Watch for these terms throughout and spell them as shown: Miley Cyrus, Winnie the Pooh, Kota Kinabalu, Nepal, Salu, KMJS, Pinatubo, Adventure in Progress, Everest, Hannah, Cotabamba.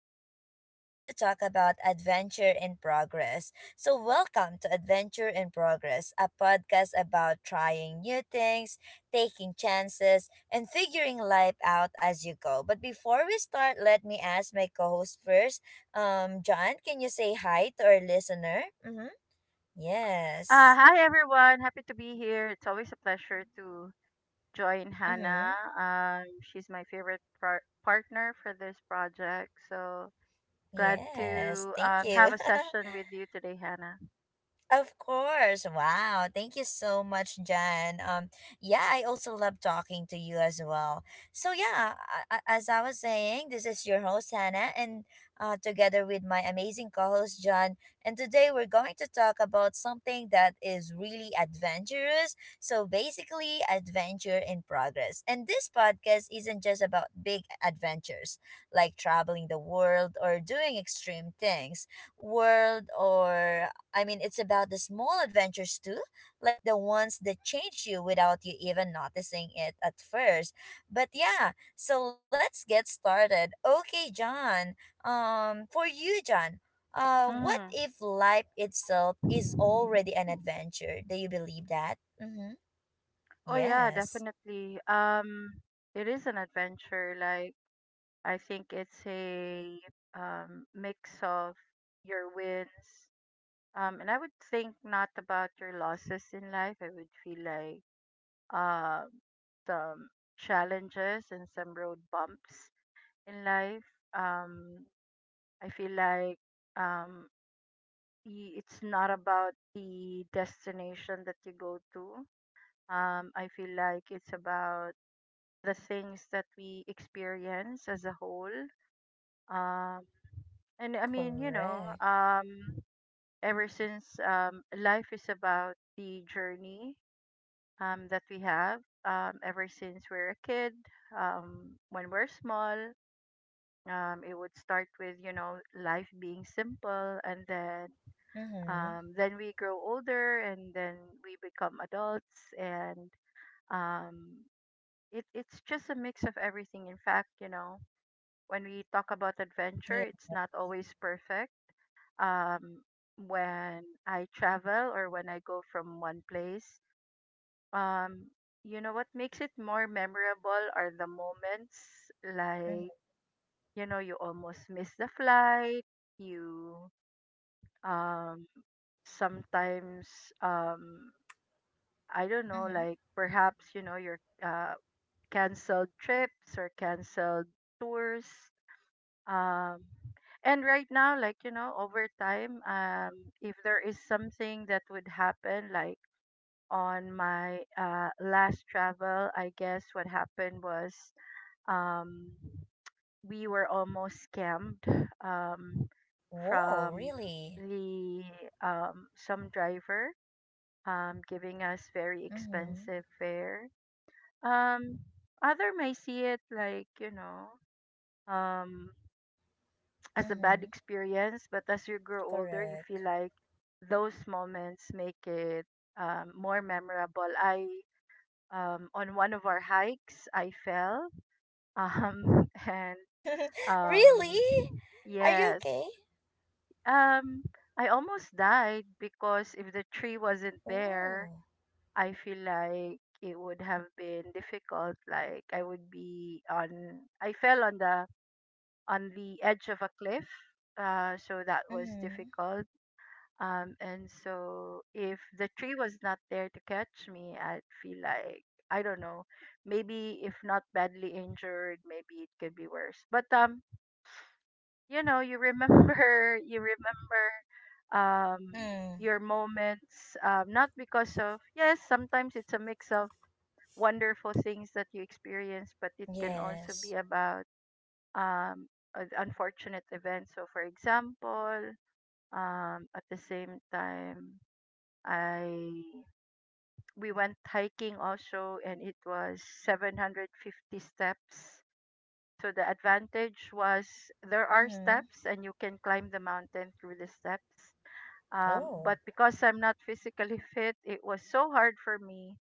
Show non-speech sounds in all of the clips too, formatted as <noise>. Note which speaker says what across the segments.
Speaker 1: today we're going to talk about Adventure in Progress. So welcome to Adventure in Progress, a podcast about trying new things, taking chances, and figuring life out as you go. But before we start, let me ask my co-host first. John, can you say hi to our listener? Mhm. Yes.
Speaker 2: Hi everyone, happy to be here. It's always a pleasure to join Hannah.
Speaker 1: Mhm.
Speaker 2: She's my favorite partner for this project, so glad
Speaker 1: Yes.
Speaker 2: to
Speaker 1: Thank you.
Speaker 2: have
Speaker 1: <laughs>
Speaker 2: a session with you today, Hannah.
Speaker 1: Of course. Wow. Thank you so much, Jan. Yeah, I also love talking to you as well. So yeah, as I was saying, this is your host Hannah and together with my amazing co-host John, and today we're going to talk about something that is really adventurous. So basically, adventure in progress. And this podcast isn't just about big adventures like traveling the world or doing extreme things world or it's about the small adventures too, like the ones that change you without you even noticing it at first. But yeah, so let's get started. Okay, John. For you, John. What
Speaker 2: hmm
Speaker 1: if life itself is already an adventure? Do you believe that? Mm-hmm.
Speaker 2: Oh yeah,
Speaker 1: Yes,
Speaker 2: definitely. It is an adventure. Like, I think it's a mix of your wins. And I would think not about your losses in life. I would feel like uh, some challenges and some road bumps in life. Um, I feel like um, it's not about the destination that you go to. I feel like it's about the things that we experience as a whole. Um, and I mean,
Speaker 1: correct.
Speaker 2: ever since life is about the journey that we have ever since we're a kid. When we're small, it would start with life being simple, and then
Speaker 1: Mm-hmm.
Speaker 2: then we grow older, and then we become adults, and um, it's just a mix of everything. In fact, when we talk about adventure,
Speaker 1: Yeah.
Speaker 2: it's not always perfect. Um, when I travel or when I go from one place. Um, you know what makes it more memorable are the moments
Speaker 1: Mm-hmm.
Speaker 2: like, you almost miss the flight, you um sometimes, um I don't know,
Speaker 1: Mm-hmm.
Speaker 2: like perhaps, your canceled trips or canceled tours. Um and right now, like, over time, if there is something that would happen, like on my last travel, I guess what happened was, um, we were almost scammed, um,
Speaker 1: Whoa,
Speaker 2: from
Speaker 1: really?
Speaker 2: the some driver, giving us very
Speaker 1: Mm-hmm.
Speaker 2: expensive fare. Um, Other may see it like, um, <tsk> as a bad
Speaker 1: Mm-hmm.
Speaker 2: experience, but as you grow older, you
Speaker 1: Correct.
Speaker 2: feel like those moments make it more memorable. I On one of our hikes, I fell. <laughs> And
Speaker 1: <laughs> Really?
Speaker 2: um,
Speaker 1: Are you
Speaker 2: yes,
Speaker 1: okay?
Speaker 2: um, I almost died, because if the tree wasn't there,
Speaker 1: Oh.
Speaker 2: I feel like it would have been difficult. Like, I would be on. I fell on the edge of a cliff, so that was
Speaker 1: Mm-hmm.
Speaker 2: difficult. And so if the tree was not there to catch me, I'd feel like, I don't know, maybe if not badly injured, maybe it could be worse. But you remember, <laughs> um,
Speaker 1: Mm.
Speaker 2: your moments. Not because of. Yes, sometimes it's a mix of wonderful things that you experience, but it can also be
Speaker 1: Yes.
Speaker 2: about um unfortunate events. So, for example, at the same time I we went hiking also, and it was 750 steps. So the advantage was there are
Speaker 1: Mm-hmm.
Speaker 2: steps and you can climb the mountain through the steps.
Speaker 1: Oh.
Speaker 2: But because I'm not physically <laughs> fit, it was so hard for me.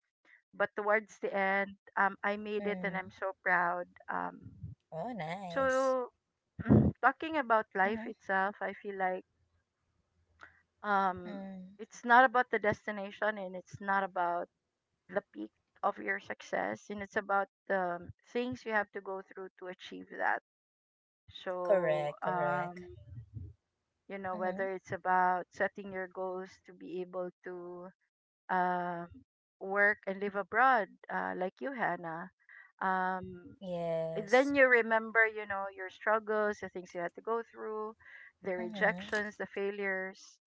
Speaker 2: But towards the end, I made it and I'm
Speaker 1: Mm.
Speaker 2: so proud. Um,
Speaker 1: Oh, nice.
Speaker 2: so <clears throat> talking about life
Speaker 1: Mm-hmm.
Speaker 2: itself, I feel like um,
Speaker 1: Mm.
Speaker 2: it's not about the destination, and it's not about the peak of your success, and it's about the things you have to go through to achieve that. So
Speaker 1: Correct, correct. Mm-hmm.
Speaker 2: whether it's about setting your goals to be able to um work and live abroad, like you, Hannah. um
Speaker 1: Yes.
Speaker 2: then you remember, your struggles, the things you had to go through, the
Speaker 1: Mm-hmm.
Speaker 2: rejections, the failures.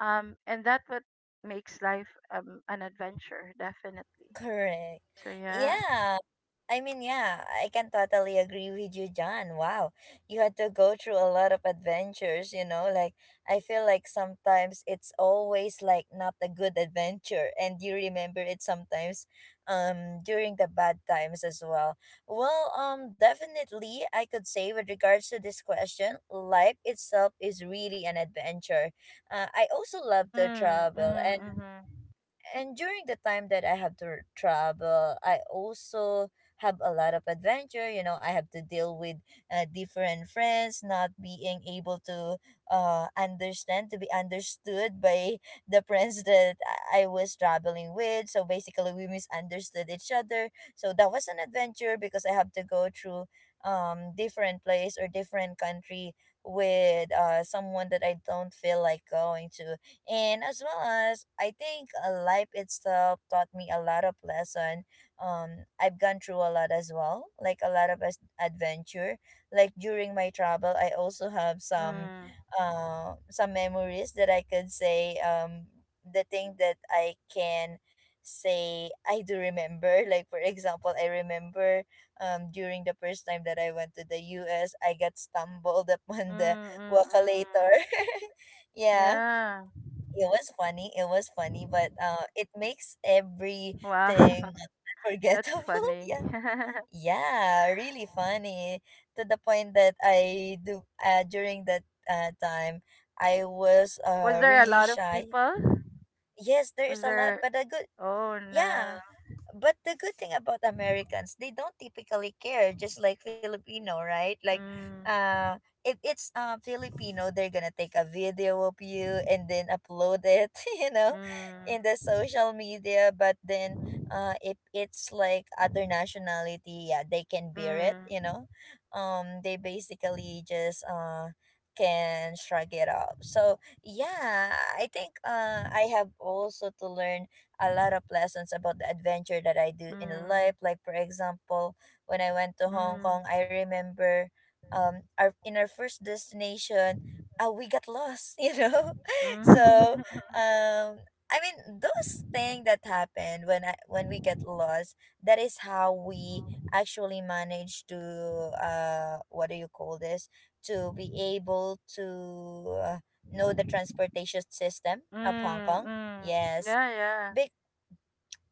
Speaker 2: And that's what makes life, an adventure, definitely.
Speaker 1: Correct.
Speaker 2: So yeah.
Speaker 1: Yeah. I mean, yeah, I can totally agree with you, John. Wow. You had to go through a lot of adventures, you know? Like, I feel like sometimes it's always like not a good adventure, and you remember it sometimes during the bad times as well. Well, definitely I could say with regards to this question, life itself is really an adventure. I also love to
Speaker 2: Mm,
Speaker 1: travel
Speaker 2: mhm,
Speaker 1: and
Speaker 2: mhm.
Speaker 1: during the time that I have to travel, I also have a lot of adventure. You know, I have to deal with different friends, not being able to understand, to be understood by <laughs> the friends that I was traveling with. So basically, we misunderstood each other. So that was an adventure because I have to go through different place or different country with someone that I don't feel like going to, and as well as I think, life itself taught me a lot of lesson. I've gone through a lot as well, like a lot of adventure. Like during my travel I also have
Speaker 2: Mm,
Speaker 1: some memories that I could say, the thing that I can say I do remember. <laughs> Like for example I remember during the first time that I went to the U. S. I got stumbled <laughs>
Speaker 2: mm,
Speaker 1: upon the walk.
Speaker 2: mm, mm, mm.
Speaker 1: <laughs> Yeah,
Speaker 2: Yeah.
Speaker 1: it was funny. It was funny, but it makes
Speaker 2: Wow. <laughs>
Speaker 1: everything
Speaker 2: That's
Speaker 1: unforgettable. <laughs>
Speaker 2: funny.
Speaker 1: Yeah,
Speaker 2: <laughs>
Speaker 1: yeah, really funny to the point that I do, during that time I was
Speaker 2: Was there a
Speaker 1: really
Speaker 2: lot of
Speaker 1: shy.
Speaker 2: people?
Speaker 1: Yes, there is
Speaker 2: Was
Speaker 1: a lot,
Speaker 2: there?
Speaker 1: but a good,
Speaker 2: Oh no.
Speaker 1: yeah, but the good thing about Americans, they don't typically care, just like Filipino, right? Like,
Speaker 2: Mm,
Speaker 1: uh, if it's Filipino, they're gonna take a video of you and then upload it, <laughs> you know,
Speaker 2: mm,
Speaker 1: in the social media. But then, if it's like other nationality, yeah, they can bear it, you
Speaker 2: mm,
Speaker 1: know. They basically just can shrug it off. So yeah, I think I have also to learn a lot of lessons about the adventure that I do in life.
Speaker 2: mm,
Speaker 1: Like for example, when I went to Hong
Speaker 2: mm,
Speaker 1: Kong, I remember our in our first destination, we got lost, <laughs> you know?
Speaker 2: mm,
Speaker 1: So um I mean those things that happened when I when we get lost, that is how we actually manage to, what do you call this? To be able to, know the transportation system
Speaker 2: <laughs> mm,
Speaker 1: of Hong Kong.
Speaker 2: mm.
Speaker 1: Yes.
Speaker 2: Yeah, yeah.
Speaker 1: Big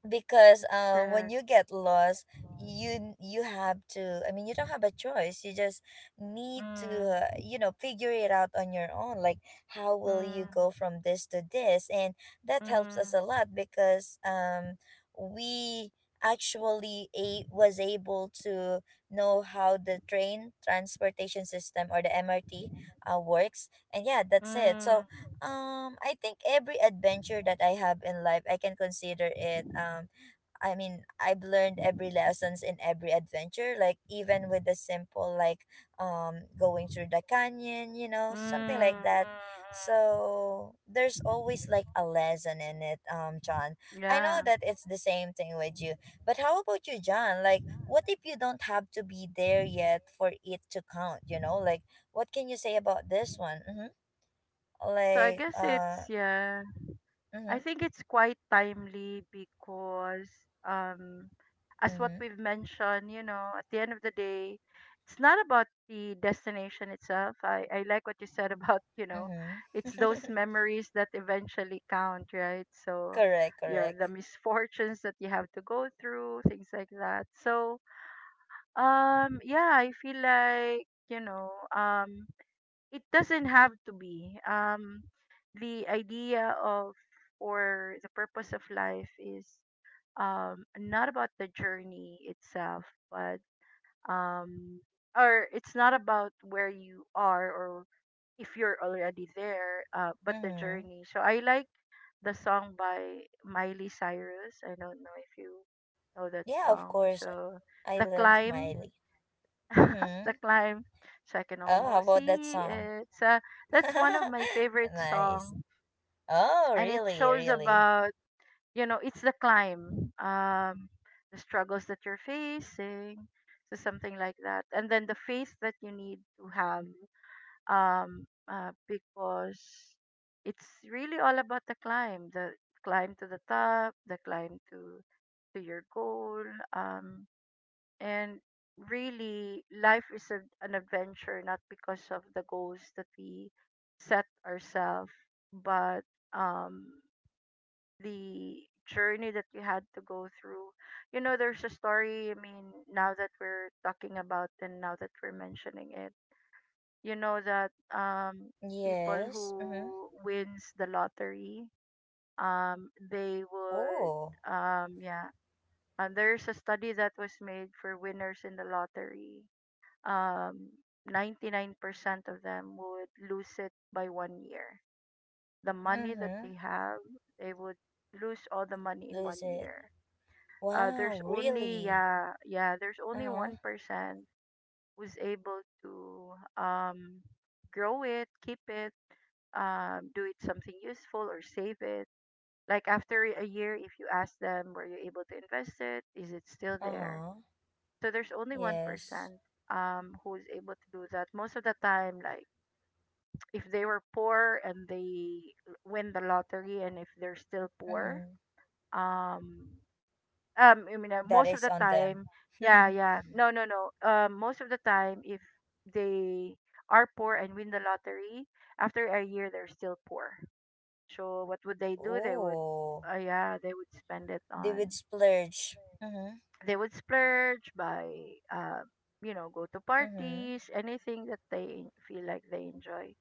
Speaker 1: because
Speaker 2: That's
Speaker 1: when
Speaker 2: correct.
Speaker 1: you get lost you have to, I mean you don't have a choice, you just need to,
Speaker 2: Mm,
Speaker 1: you know, figure it out on your own, like how will you go
Speaker 2: mm,
Speaker 1: from this to this. And that helps us a
Speaker 2: mm,
Speaker 1: lot because we actually was able to know how the train transportation system or the MRT works. And yeah,
Speaker 2: mm,
Speaker 1: that's it. So
Speaker 2: mm, mm,
Speaker 1: I think every adventure that I have in life I can consider it. I mean, I've learned every lessons in every adventure, like even with the simple, like going through the canyon, you know,
Speaker 2: mm.
Speaker 1: something like that.
Speaker 2: Mm.
Speaker 1: So there's always like a lesson in it, John. I know
Speaker 2: Yeah.
Speaker 1: that it's the same thing with you, but how about you, John? Like, what if you don't have to be there yet for it to count? You know, like, what can you say about this one? Mm-hmm.
Speaker 2: So I
Speaker 1: Like,
Speaker 2: guess it's, yeah.
Speaker 1: mm-hmm,
Speaker 2: I think it's quite timely because um as what
Speaker 1: mm-hmm,
Speaker 2: we've mentioned, at the end of the day, it's not about the destination itself. I like what you said about, <laughs>
Speaker 1: mm-hmm.
Speaker 2: it's those
Speaker 1: <laughs>
Speaker 2: memories that eventually count, right? So
Speaker 1: Correct,
Speaker 2: your the
Speaker 1: correct.
Speaker 2: misfortunes that you have to go through, things like that. So yeah, I feel like, um it doesn't have to be the idea of, or the purpose of life is not about the journey itself, but um or it's not about where you are, or if you're already there, but the
Speaker 1: Mm-hmm.
Speaker 2: journey. So I like the song by Miley Cyrus. I don't know if you know that
Speaker 1: Yeah, of
Speaker 2: song.
Speaker 1: course.
Speaker 2: So
Speaker 1: I
Speaker 2: the
Speaker 1: love
Speaker 2: climb.
Speaker 1: Miley.
Speaker 2: <laughs>
Speaker 1: Mm-hmm.
Speaker 2: The climb. So I can
Speaker 1: Oh, how
Speaker 2: almost
Speaker 1: about that
Speaker 2: see,
Speaker 1: song?
Speaker 2: it's that's one of my
Speaker 1: <laughs>
Speaker 2: favorite
Speaker 1: Nice.
Speaker 2: song.
Speaker 1: Oh,
Speaker 2: And it
Speaker 1: really,
Speaker 2: shows
Speaker 1: really.
Speaker 2: about, it's the climb, the struggles that you're facing, so something like that. And then the faith that you need to have, um because it's really all about the climb, the climb to the top, the climb to your goal. um and really, life is an adventure, not because of the goals that we set ourselves, but um, the journey that you had to go through. You know, there's a story, I mean, now that we're talking about, and now that we're mentioning it, you know that, people
Speaker 1: Yes. Mm-hmm.
Speaker 2: who wins the lottery,
Speaker 1: Ooh.
Speaker 2: yeah, there's a study that was made for winners in the lottery. um, 99% of them would lose it by one year. The money that
Speaker 1: Mm-hmm.
Speaker 2: they have, they would lose all the money in one
Speaker 1: Lose it.
Speaker 2: year.
Speaker 1: Wow,
Speaker 2: There's only
Speaker 1: really?
Speaker 2: Yeah, yeah, there's only
Speaker 1: Uh-huh.
Speaker 2: 1% who's able to grow it, keep it, do it something useful or save it. Like, after a year, if you ask them, were you able to invest it? Is it still there?
Speaker 1: Uh-huh.
Speaker 2: So there's only one
Speaker 1: Yes.
Speaker 2: percent who's able to do that most of the time, like if they were poor and they win the lottery and if they're still poor.
Speaker 1: Mm-hmm.
Speaker 2: um I mean,
Speaker 1: That
Speaker 2: most
Speaker 1: is
Speaker 2: of the
Speaker 1: on them.
Speaker 2: time. Yeah,
Speaker 1: <laughs>
Speaker 2: yeah. No, no, no. Most of the time, if they are poor and win the lottery, after a year they're still poor. So what would they do? They would
Speaker 1: Ooh.
Speaker 2: yeah, they would spend it
Speaker 1: They
Speaker 2: on.
Speaker 1: would splurge. Mm-hmm.
Speaker 2: They would splurge by, uh, go to
Speaker 1: Mm-hmm.
Speaker 2: parties, anything that they feel like they enjoy.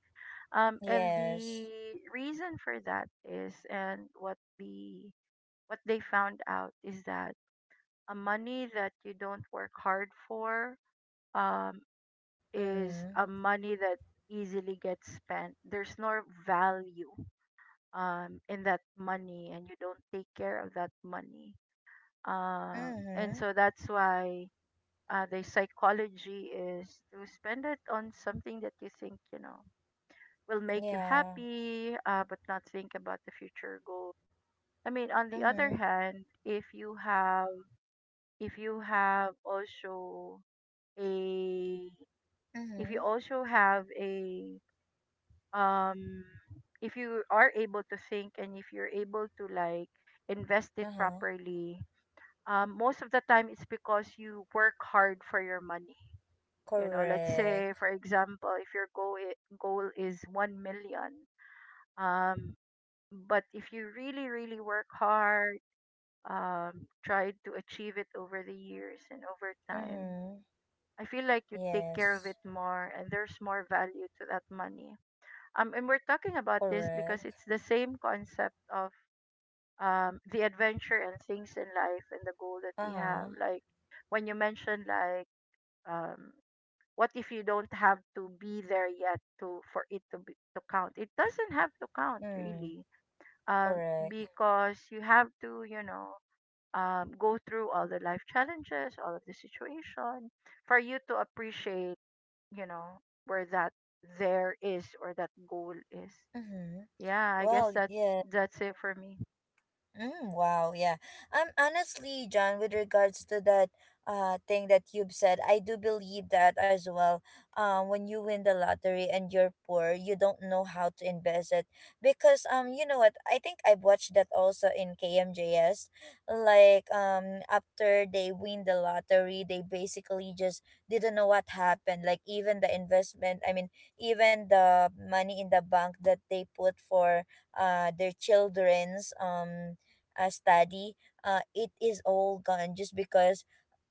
Speaker 2: And the
Speaker 1: Yes.
Speaker 2: reason for that is, and what they found out is that a money that you don't work hard for, um, is a
Speaker 1: Mm-hmm.
Speaker 2: money that easily gets spent. There's no value, in that money, and you don't take care of that money. And
Speaker 1: Mm-hmm.
Speaker 2: so that's why the psychology is to spend it on something that you think, will make you
Speaker 1: Yeah.
Speaker 2: happy, but not think about the future goal. I mean, on the other
Speaker 1: Mm-hmm.
Speaker 2: hand, if you have also a if you
Speaker 1: Mm-hmm.
Speaker 2: also have a um if you are able to think, and if you're able to, like, invest it
Speaker 1: Uh-huh.
Speaker 2: properly, most of the time it's because you work hard for your money. You know, let's say
Speaker 1: Correct.
Speaker 2: for example, if your goal is 1 million. um, But if you really, really work hard, try to achieve it over the years and over time,
Speaker 1: Mm-hmm.
Speaker 2: I feel like you take care of
Speaker 1: Yes.
Speaker 2: it more, and there's more value to that money. And we're talking about this because
Speaker 1: Correct.
Speaker 2: it's the same concept of, the adventure and things in life, and the goal that we have.
Speaker 1: Uh-huh.
Speaker 2: Like, when you mentioned, like, um, what if you don't have to be there yet to count? It doesn't have to count
Speaker 1: Mm.
Speaker 2: really. um,
Speaker 1: Correct.
Speaker 2: because you have to, you know, go through all the life challenges, all of the situation, for you to appreciate, you know, where that there is, or that goal is.
Speaker 1: Mm-hmm.
Speaker 2: Yeah, I guess
Speaker 1: Well,
Speaker 2: that's
Speaker 1: yes.
Speaker 2: that's it for me.
Speaker 1: Mm, wow, yeah. Honestly, John, with regards to that thing that you've said, I do believe that as well. When you win the lottery and you're poor, you don't know how to invest it, because you know what? I think I've watched that also in KMJS. Like after they win the lottery, they basically just didn't know what happened. Like even the investment, I mean, even the money in the bank that they put for their children's study, it is all gone, just because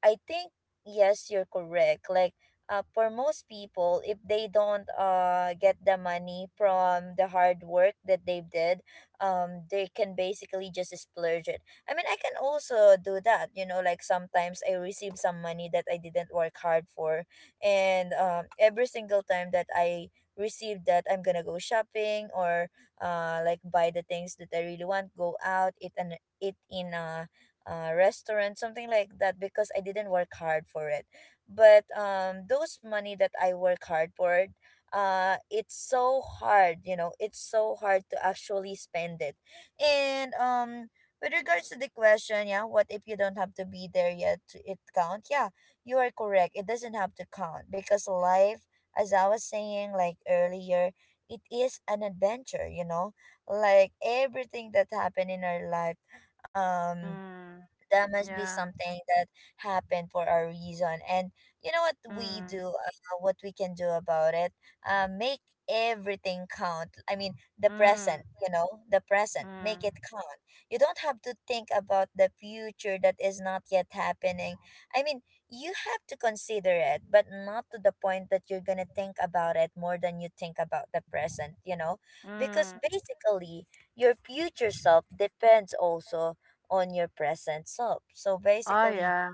Speaker 1: I think, yes, you're correct. Like, for most people, if they don't get the money from the hard work that they did, they can basically just splurge it. I mean, I can also do that. You know, like sometimes I receive some money that I didn't work hard for, and every single time that I receive that, I'm gonna go shopping or, like buy the things that I really want, go out, eat and eat in a restaurant, something like that, because I didn't work hard for it. But those money that I work hard for, it's so hard, you know, it's so hard to actually spend it. And with regards to the question, yeah, what if you don't have to be there yet to it count? Yeah, you are correct. It doesn't have to count because life, as I was saying like earlier, it is an adventure, you know, like everything that happened in our life, um
Speaker 2: Mm,
Speaker 1: that must be
Speaker 2: yeah.
Speaker 1: something that happened for a reason. And you know what we
Speaker 2: Mm,
Speaker 1: do, what we can do about it, make everything count. I mean, the present,
Speaker 2: mm,
Speaker 1: you know, the present, make it
Speaker 2: mm,
Speaker 1: count. You don't have to think about the future that is not yet happening. I mean, you have to consider it, but not to the point that you're gonna think about it more than you think about the present, you know, because
Speaker 2: mm.
Speaker 1: basically your future self depends also on your present self. So
Speaker 2: Oh
Speaker 1: basically,
Speaker 2: yeah,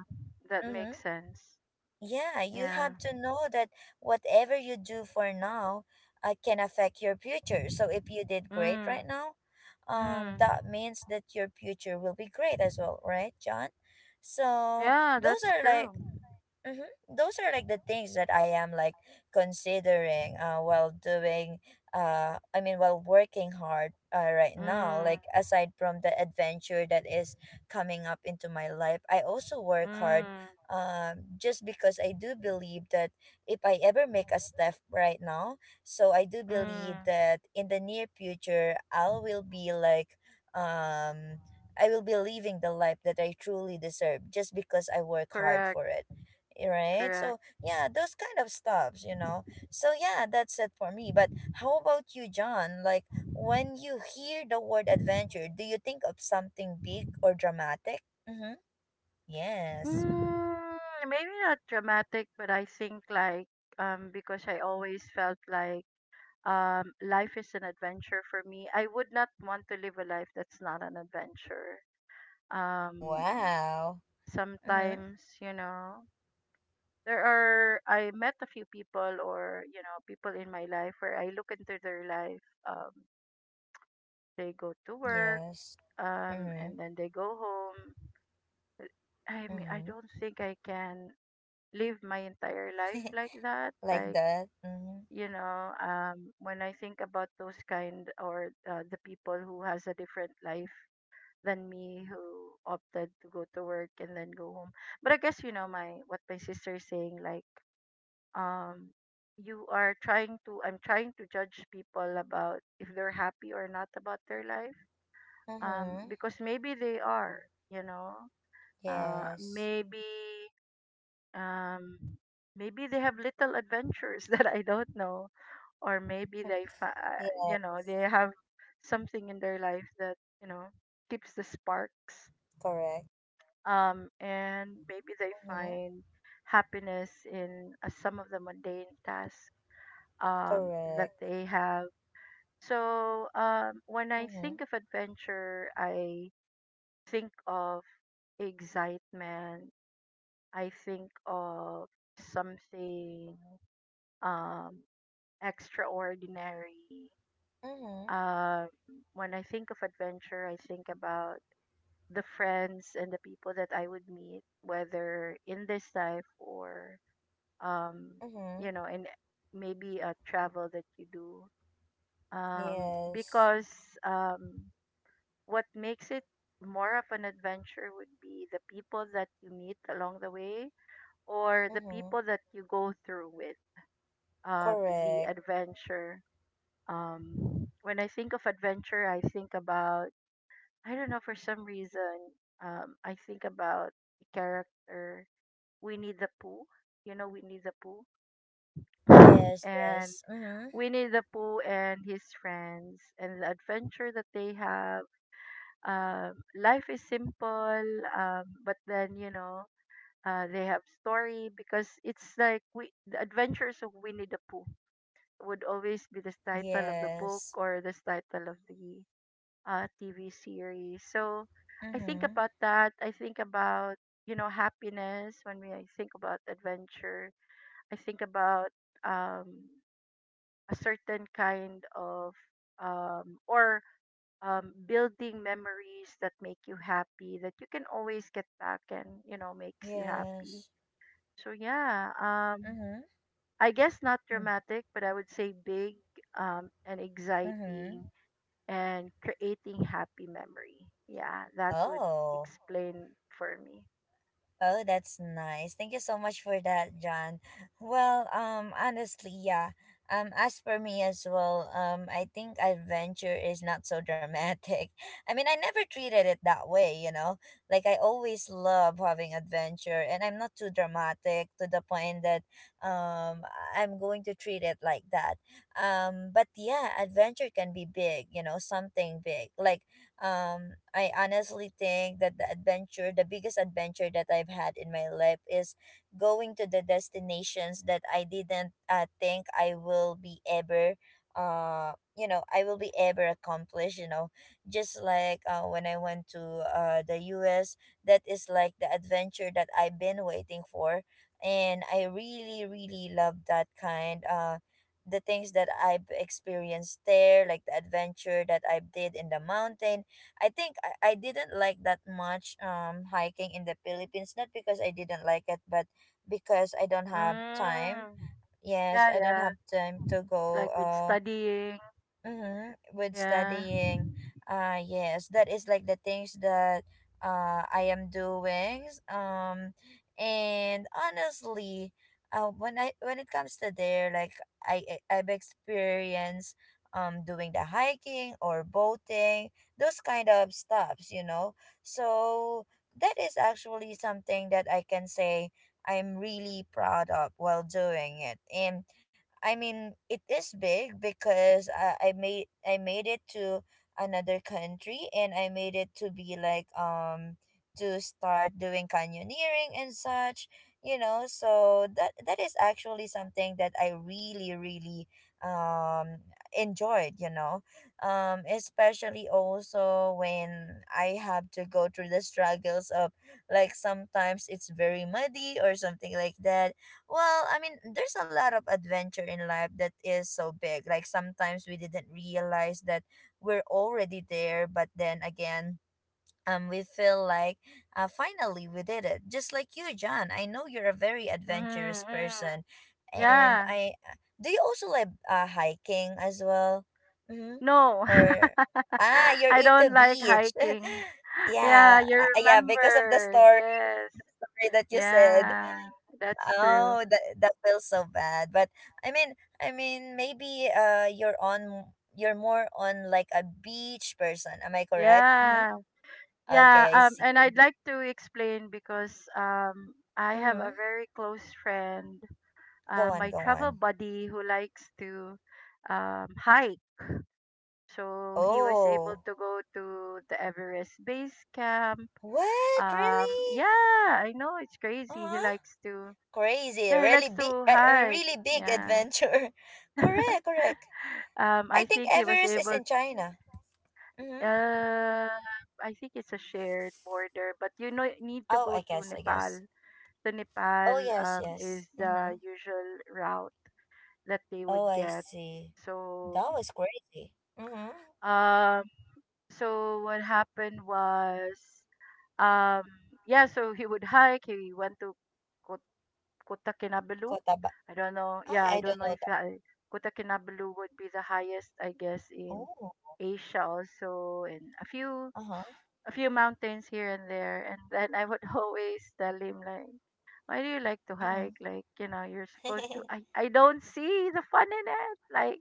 Speaker 2: that
Speaker 1: mm-hmm,
Speaker 2: makes sense.
Speaker 1: yeah, you
Speaker 2: Yeah.
Speaker 1: have to know that whatever you do for now, can affect your future. So if you did great right
Speaker 2: Mm,
Speaker 1: now,
Speaker 2: mm.
Speaker 1: that means that your future will be great as well, right, John? So
Speaker 2: Yeah,
Speaker 1: those
Speaker 2: that's
Speaker 1: are like.
Speaker 2: true.
Speaker 1: Mm-hmm. Those are like the things that I am like considering, while doing, I mean while working hard, right now,
Speaker 2: Mm,
Speaker 1: like aside from the adventure that is coming up into my life, I also work hard
Speaker 2: mm,
Speaker 1: just because I do believe that if I ever make a step right now, so I do believe
Speaker 2: mm.
Speaker 1: that in the near future I will be like, um I will be living the life that I truly deserve just because I work hard
Speaker 2: Correct.
Speaker 1: for it, eh, right?
Speaker 2: Correct.
Speaker 1: So yeah, those kind of stuffs, you know. So yeah, that's it for me. But how about you, John? Like, when you hear the word adventure, do you think of something big or dramatic? Mm-hmm. Yes.
Speaker 2: Mm, maybe not dramatic, but I think, because I always felt like, life is an adventure for me. I would not want to live a life that's not an adventure. Um
Speaker 1: Wow. Mm-hmm.
Speaker 2: Sometimes, you know, there are I met a few people, or, you know, people in my life where I look into their life. They go to work,
Speaker 1: Yes. Mm-hmm.
Speaker 2: and then they go home. I mean, I
Speaker 1: Mm-hmm.
Speaker 2: don't think I can live my entire life like
Speaker 1: <laughs>
Speaker 2: that.
Speaker 1: Like
Speaker 2: Like,
Speaker 1: that. Mm-hmm.
Speaker 2: you know, when I think about those kind or the people who has a different life than me who opted to go to work and then go home. But I guess, you know, my what my sister is saying, like, um, you are trying to I'm trying to judge people about if they're happy or not about their life.
Speaker 1: Mm-hmm.
Speaker 2: Because maybe they are, you know.
Speaker 1: Yes.
Speaker 2: Maybe um maybe they have little adventures <laughs> that I don't know, or maybe they
Speaker 1: <laughs> Yes.
Speaker 2: they have something in their life that you know keeps the sparks,
Speaker 1: Correct.
Speaker 2: and maybe they
Speaker 1: Mm-hmm.
Speaker 2: find happiness in some of the mundane tasks um that
Speaker 1: Correct.
Speaker 2: they have. So when I
Speaker 1: Mm-hmm.
Speaker 2: think of adventure, I think of excitement. I think of something um extraordinary.
Speaker 1: Mm-hmm.
Speaker 2: Um, when I think of adventure, I think about the friends and the people that I would meet, whether in this life or, um,
Speaker 1: Mm-hmm.
Speaker 2: in maybe a travel that you do.
Speaker 1: Yes.
Speaker 2: Because um, what makes it more of an adventure would be the people that you meet along the way, or the
Speaker 1: Mm-hmm.
Speaker 2: people that you go through with uh, the
Speaker 1: Correct.
Speaker 2: adventure. When I think of adventure, I think about, I don't know, for some reason. I think about the character Winnie the Pooh. You know Winnie the Pooh,
Speaker 1: Yes,
Speaker 2: and
Speaker 1: yes. Mm-hmm.
Speaker 2: Winnie the Pooh and his friends and the adventure that they have. Life is simple, but then they have story, because it's like we, the adventures of Winnie the Pooh would always be the title of the book
Speaker 1: Yes.
Speaker 2: or the title of the TV series. So I think
Speaker 1: Mm-hmm.
Speaker 2: about that. I think about, happiness when we I think about adventure. I think about um, a certain kind of or building memories that make you happy, that you can always get back and you know makes you happy.
Speaker 1: Yes.
Speaker 2: So yeah,
Speaker 1: Mm-hmm.
Speaker 2: I guess not dramatic, but I would say big and
Speaker 1: Mm-hmm.
Speaker 2: exciting and creating happy memory. Yeah, that would
Speaker 1: Oh.
Speaker 2: explain for me.
Speaker 1: Oh, that's nice. Thank you so much for that, John. Well, honestly, yeah. As for me as well, I think adventure is not so dramatic. <laughs> I mean, I never treated it that way, you know. Like I always love having adventure, and I'm not too dramatic to the point that um I'm going to treat it like that. But yeah, adventure can be big, you know, something big. Like I honestly think that the biggest adventure that I've had in my life is going to the destinations that I didn't think I will be ever uh I will be ever accomplish just like when I went to the US. That is like the adventure that I've been waiting for, and I really love that kind the things that I've experienced there, like the adventure that I did in the mountain. I think I didn't like that much hiking in the Philippines, not because I didn't like it, but because I don't have time.
Speaker 2: Mm.
Speaker 1: Yes,
Speaker 2: Yeah,
Speaker 1: I don't
Speaker 2: yeah.
Speaker 1: have time to go
Speaker 2: Like with studying.
Speaker 1: Mm-hmm. With
Speaker 2: Yeah.
Speaker 1: studying, yes, that is like the things that I am doing. And honestly, when it comes to there, like I've experienced doing the hiking or boating, those kind of stuffs, you know. So that is actually something that I can say I'm really proud of while doing it. And I mean, it is big because I made it to another country, and I made it to be like to start doing canyoneering and such, you know. So that is actually something that I really um enjoyed, you know. Especially also when I have to go through the struggles of, like, sometimes it's very muddy or something like that. Well, I mean, there's a lot of adventure in life that is so big. Like sometimes we didn't realize that we're already there, but then again, we feel like finally we did it. Just like you, John. I know you're a very
Speaker 2: Mm,
Speaker 1: adventurous
Speaker 2: mm.
Speaker 1: person, and
Speaker 2: Yeah.
Speaker 1: I. Do you also like hiking as well? Mm-hmm.
Speaker 2: No.
Speaker 1: Or
Speaker 2: <laughs>
Speaker 1: ah, you're
Speaker 2: I
Speaker 1: into
Speaker 2: don't like
Speaker 1: beach.
Speaker 2: hiking.
Speaker 1: <laughs>
Speaker 2: Yeah,
Speaker 1: Yeah,
Speaker 2: you
Speaker 1: yeah, because of the
Speaker 2: remember.
Speaker 1: story.
Speaker 2: Yes.
Speaker 1: Sorry that you said.
Speaker 2: Yeah. That's true.
Speaker 1: Oh, that that feels so bad. But I mean, I mean, maybe you're more on like a beach person. Am I correct? Mm-hmm.
Speaker 2: Yeah. Yeah,
Speaker 1: Okay, I see.
Speaker 2: and I'd like to explain, because I have
Speaker 1: Mm-hmm.
Speaker 2: a very close friend,
Speaker 1: Go on,
Speaker 2: my
Speaker 1: go
Speaker 2: travel
Speaker 1: on.
Speaker 2: buddy, who likes to hike. So he was able
Speaker 1: Oh,
Speaker 2: to go to the Everest base camp.
Speaker 1: what? Really?
Speaker 2: Yeah, I know it's crazy.
Speaker 1: Uh-huh. Crazy.
Speaker 2: Yeah, he
Speaker 1: Really
Speaker 2: likes
Speaker 1: big.
Speaker 2: to hike.
Speaker 1: Really big
Speaker 2: Yeah.
Speaker 1: adventure. <laughs>
Speaker 2: <laughs>
Speaker 1: Correct, correct. I
Speaker 2: I
Speaker 1: think
Speaker 2: think he was
Speaker 1: Everest is
Speaker 2: able.
Speaker 1: in China. Mm-hmm.
Speaker 2: Uh, I think it's a shared border, but you know, need to
Speaker 1: Oh,
Speaker 2: go to
Speaker 1: I
Speaker 2: Nepal.
Speaker 1: guess.
Speaker 2: To Nepal
Speaker 1: Oh yes, yes.
Speaker 2: is
Speaker 1: Mm-hmm.
Speaker 2: the usual route that they
Speaker 1: Oh,
Speaker 2: would
Speaker 1: I
Speaker 2: get.
Speaker 1: see.
Speaker 2: So,
Speaker 1: That was crazy. Mm-hmm.
Speaker 2: um, So what happened was, um, yeah, so he would hike. He went to Ko- Kota Kinabalu.
Speaker 1: Cotabamba.
Speaker 2: I don't know.
Speaker 1: Ah,
Speaker 2: Yeah, I
Speaker 1: I
Speaker 2: don't
Speaker 1: don't
Speaker 2: know
Speaker 1: know
Speaker 2: if
Speaker 1: that.
Speaker 2: that, Kota Kinabalu would be the highest, I guess, in
Speaker 1: Oh,
Speaker 2: Asia also, and
Speaker 1: uh-huh.
Speaker 2: a few mountains here and there. And then I would <laughs> always tell him like, "Why do you like to
Speaker 1: Mm-hmm.
Speaker 2: hike? Like, you know, you're supposed to. I
Speaker 1: <laughs>
Speaker 2: I don't see the fun in it. Like,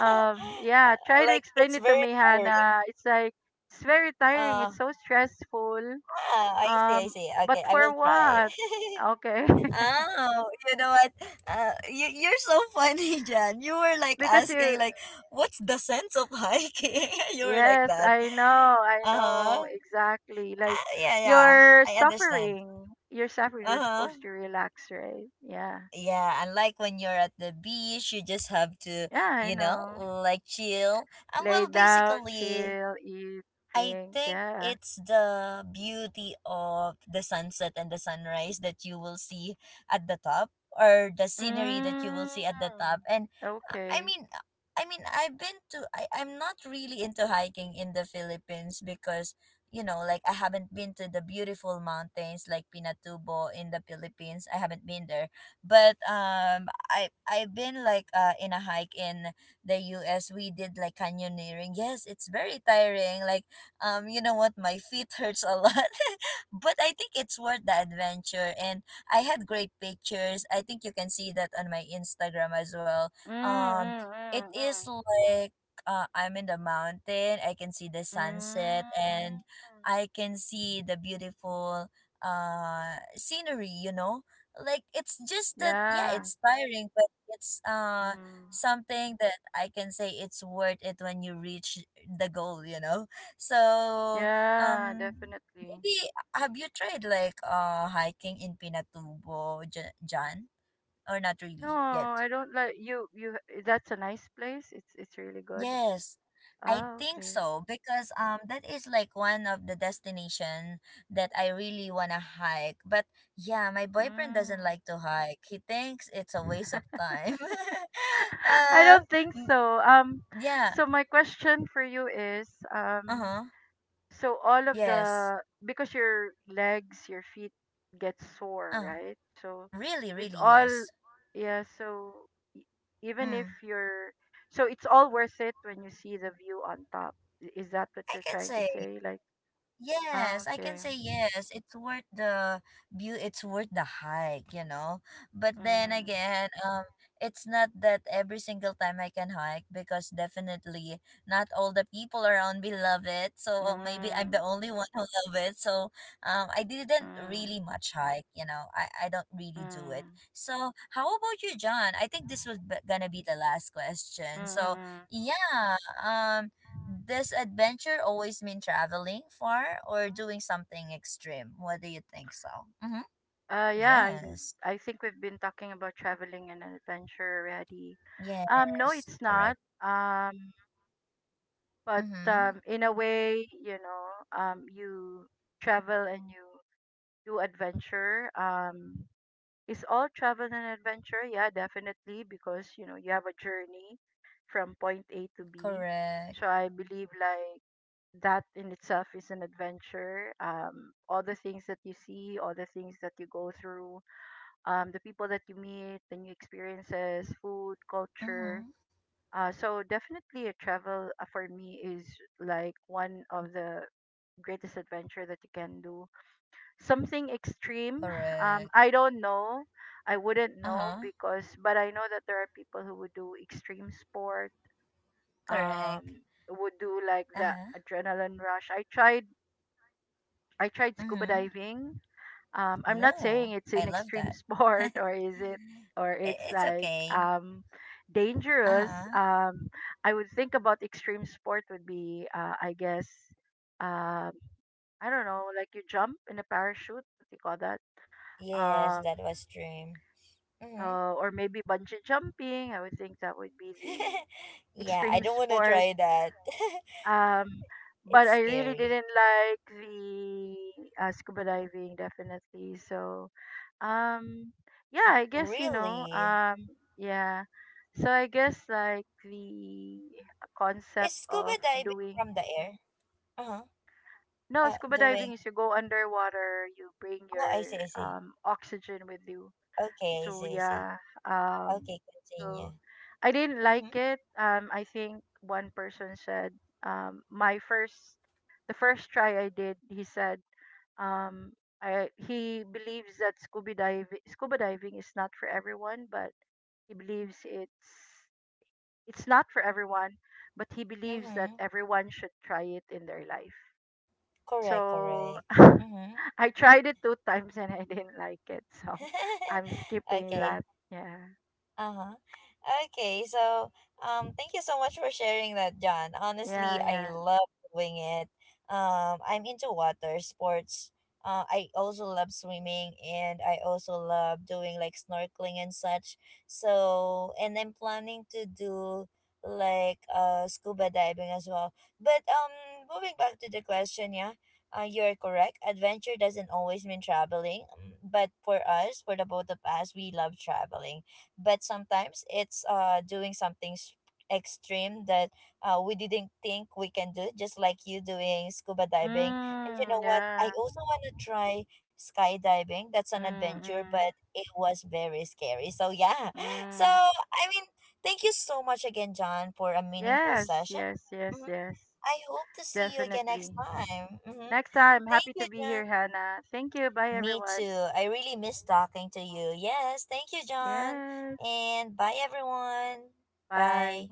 Speaker 2: yeah, try to
Speaker 1: Like
Speaker 2: explain
Speaker 1: it's
Speaker 2: it to
Speaker 1: very
Speaker 2: me,
Speaker 1: tiring.
Speaker 2: Hannah. It's like it's very tiring.
Speaker 1: Uh,
Speaker 2: It's so stressful.
Speaker 1: ah, I
Speaker 2: Um,
Speaker 1: see.
Speaker 2: but
Speaker 1: Okay, I will
Speaker 2: for
Speaker 1: try.
Speaker 2: what?
Speaker 1: <laughs>
Speaker 2: Okay. <laughs>
Speaker 1: Oh, you know what? You you're so funny, <laughs> Jan. You were like
Speaker 2: because you
Speaker 1: asking like, what's the sense of hiking? <laughs> You were like
Speaker 2: yes,
Speaker 1: that.
Speaker 2: I know. I
Speaker 1: Uh-huh.
Speaker 2: know exactly. Like
Speaker 1: Ah, yeah, yeah.
Speaker 2: you're
Speaker 1: I understand.
Speaker 2: suffering. You're suffering. You're
Speaker 1: Uh-huh.
Speaker 2: supposed to relax, right? Yeah.
Speaker 1: Yeah, and like when you're at the beach, you just have to,
Speaker 2: Yeah, I
Speaker 1: you know,
Speaker 2: know.
Speaker 1: like chill. And
Speaker 2: Lay
Speaker 1: well,
Speaker 2: down,
Speaker 1: basically,
Speaker 2: chill, eat,
Speaker 1: I
Speaker 2: drink.
Speaker 1: think
Speaker 2: Yeah.
Speaker 1: it's the beauty of the sunset and the sunrise that you will see at the top or the scenery that you will
Speaker 2: Mm.
Speaker 1: see at the top. And uh, I
Speaker 2: Okay.
Speaker 1: mean uh, I mean I've been to I'm not really into hiking in the Philippines because you know like I haven't been to the beautiful mountains like Pinatubo in the Philippines. I haven't been there. But I've been like in a hike in the US. We did like canyoneering. Yes, it's very tiring. Like you know what, my feet hurts a lot, <laughs> but I think it's worth the adventure. And I had great pictures. I think you can see that on my Instagram as well.
Speaker 2: Mm,
Speaker 1: Um,
Speaker 2: mm,
Speaker 1: it
Speaker 2: mm,
Speaker 1: is
Speaker 2: mm.
Speaker 1: like I'm in the mountain. I can see the sunset,
Speaker 2: Mm.
Speaker 1: and I can see the beautiful scenery. You know, like it's just that, yeah,
Speaker 2: Yeah.
Speaker 1: it's tiring, but it's
Speaker 2: Mm.
Speaker 1: something that I can say it's worth it when you reach the goal. You know. So,
Speaker 2: Yeah,
Speaker 1: um,
Speaker 2: definitely.
Speaker 1: maybe have you tried like hiking in Pinatubo, Jan, or not
Speaker 2: No,
Speaker 1: really yet?
Speaker 2: I don't like you that's a nice place. It's really good.
Speaker 1: Yes, I
Speaker 2: Ah,
Speaker 1: think
Speaker 2: okay.
Speaker 1: so because that is like one of the destination that I really wanna hike. But yeah, my boyfriend doesn't
Speaker 2: Mm.
Speaker 1: like to hike. He thinks it's a waste of time. <laughs>
Speaker 2: <laughs> I
Speaker 1: um,
Speaker 2: don't think
Speaker 1: m-
Speaker 2: so.
Speaker 1: yeah.
Speaker 2: So my question for you is
Speaker 1: Uh huh.
Speaker 2: so all of
Speaker 1: Yes.
Speaker 2: the because your legs, your feet get sore,
Speaker 1: Uh,
Speaker 2: right? So
Speaker 1: really,
Speaker 2: with
Speaker 1: really
Speaker 2: all
Speaker 1: yes.
Speaker 2: yeah, so e- even if
Speaker 1: Mm.
Speaker 2: you're so it's all worth it when you see the view on top. I- Is that what
Speaker 1: I
Speaker 2: you're
Speaker 1: can
Speaker 2: trying to
Speaker 1: say
Speaker 2: say? Like, oh,
Speaker 1: yes, I can
Speaker 2: okay.
Speaker 1: say yes. It's worth the view, it's worth the hike, you know. But then
Speaker 2: Mm,
Speaker 1: again, it's not that every single time I can hike because definitely not all the people around me love it. So maybe I'm the
Speaker 2: mm,
Speaker 1: only one who <laughs> love it. So I didn't
Speaker 2: mm,
Speaker 1: really much hike, you know. I don't
Speaker 2: mm,
Speaker 1: really do it.
Speaker 2: mm,
Speaker 1: So how about you, John? I think this was gonna be the last
Speaker 2: mm,
Speaker 1: question. So
Speaker 2: mm."
Speaker 1: yeah, um does adventure always mean traveling far or doing something extreme? What do you think so? Mm-hmm.
Speaker 2: Yeah,
Speaker 1: Yes.
Speaker 2: I think we've been talking about traveling and adventure already. No,
Speaker 1: Yes.
Speaker 2: it's not.
Speaker 1: Correct.
Speaker 2: Um, but
Speaker 1: Mm-hmm.
Speaker 2: In a way, you know, you travel and you do adventure. Is all travel an adventure? Yeah, definitely, because you know you have a journey from point A to B.
Speaker 1: Correct.
Speaker 2: So I believe like that in itself is an adventure. All the things that you see, all the things that you go through, the people that you meet, the new experiences, food, culture,
Speaker 1: Mm-hmm.
Speaker 2: so definitely a travel for me is like one of the greatest adventure that you can do. Something extreme.
Speaker 1: Correct.
Speaker 2: I don't know. I wouldn't know
Speaker 1: Uh-huh.
Speaker 2: because, but I know that there are people who would do extreme sport.
Speaker 1: Correct.
Speaker 2: Um, would do like the
Speaker 1: Uh-huh.
Speaker 2: adrenaline rush. I tried. I tried scuba
Speaker 1: Mm-hmm.
Speaker 2: diving. I'm not
Speaker 1: Oh,
Speaker 2: saying it's
Speaker 1: I
Speaker 2: an
Speaker 1: love
Speaker 2: extreme <laughs>
Speaker 1: that. <laughs> I-
Speaker 2: sport, or is it, or it's
Speaker 1: it's
Speaker 2: like
Speaker 1: okay.
Speaker 2: dangerous.
Speaker 1: Uh-huh.
Speaker 2: I would think about extreme sport would be I guess, um I don't know, like you jump in a parachute, what do you call that, um
Speaker 1: Yes, that was dream. Mm-hmm.
Speaker 2: or maybe bungee jumping, I would think that would be
Speaker 1: <laughs>
Speaker 2: the
Speaker 1: Yeah, I
Speaker 2: extreme <laughs>
Speaker 1: don't want to
Speaker 2: sport.
Speaker 1: try that.
Speaker 2: Um,
Speaker 1: <laughs> It's
Speaker 2: but I really
Speaker 1: scary.
Speaker 2: didn't like the scuba diving definitely. Um, yeah, I guess you know,
Speaker 1: Really?
Speaker 2: yeah. So I guess like the
Speaker 1: Is
Speaker 2: concept
Speaker 1: scuba
Speaker 2: of
Speaker 1: diving
Speaker 2: doing
Speaker 1: from the air? Uh-huh.
Speaker 2: no, scuba
Speaker 1: Doing.
Speaker 2: diving is you go underwater, you bring
Speaker 1: Oh, I
Speaker 2: your
Speaker 1: see.
Speaker 2: oxygen with you.
Speaker 1: Okay,
Speaker 2: So
Speaker 1: I see.
Speaker 2: yeah, um,
Speaker 1: Okay,
Speaker 2: so
Speaker 1: continue.
Speaker 2: I didn't like
Speaker 1: Mm-hmm.
Speaker 2: it. I think one person said, my first, the first try I did, he said, um, he believes that scuba diving is not for everyone, but he believes it's not for everyone, but he believes that
Speaker 1: Mm-hmm.
Speaker 2: everyone should try it in their life.
Speaker 1: Correct,
Speaker 2: So
Speaker 1: correct.
Speaker 2: <laughs>
Speaker 1: Mm-hmm.
Speaker 2: I tried it 2 times and I didn't like it, so I'm
Speaker 1: <laughs>
Speaker 2: skipping
Speaker 1: Okay.
Speaker 2: that. Yeah.
Speaker 1: Uh-huh. Okay, so thank you so much for sharing that, John.
Speaker 2: Yeah,
Speaker 1: Honestly, I
Speaker 2: yeah.
Speaker 1: love doing it. I'm into water sports. I also love swimming, and I also love doing like snorkeling and such. So, and I'm planning to do like scuba diving as well. But moving back to the question, yeah. You're correct. Adventure doesn't always mean traveling, but for us, for the both of us, we love traveling, but sometimes it's doing something extreme that we didn't think we can do, just like you doing scuba diving. And you know
Speaker 2: Mm,
Speaker 1: what, I
Speaker 2: yeah.
Speaker 1: also want to try skydiving. That's an
Speaker 2: Mm,
Speaker 1: adventure, but
Speaker 2: mm,
Speaker 1: it was very scary. So yeah. <laughs> So
Speaker 2: mm.
Speaker 1: i mean thank you so much again, John, for a meaningful
Speaker 2: Yes,
Speaker 1: session.
Speaker 2: yes, yes,
Speaker 1: Hmm.
Speaker 2: yes.
Speaker 1: I hope to see you again next
Speaker 2: Definitely.
Speaker 1: time. Hmm.
Speaker 2: Next time,
Speaker 1: Thank
Speaker 2: happy
Speaker 1: you,
Speaker 2: to be
Speaker 1: John.
Speaker 2: here, Hannah. Thank you. Bye,
Speaker 1: Me
Speaker 2: everyone.
Speaker 1: too. I really miss talking to you. Yes, thank you, John.
Speaker 2: Yes.
Speaker 1: And bye, everyone.
Speaker 2: Bye.
Speaker 1: Bye.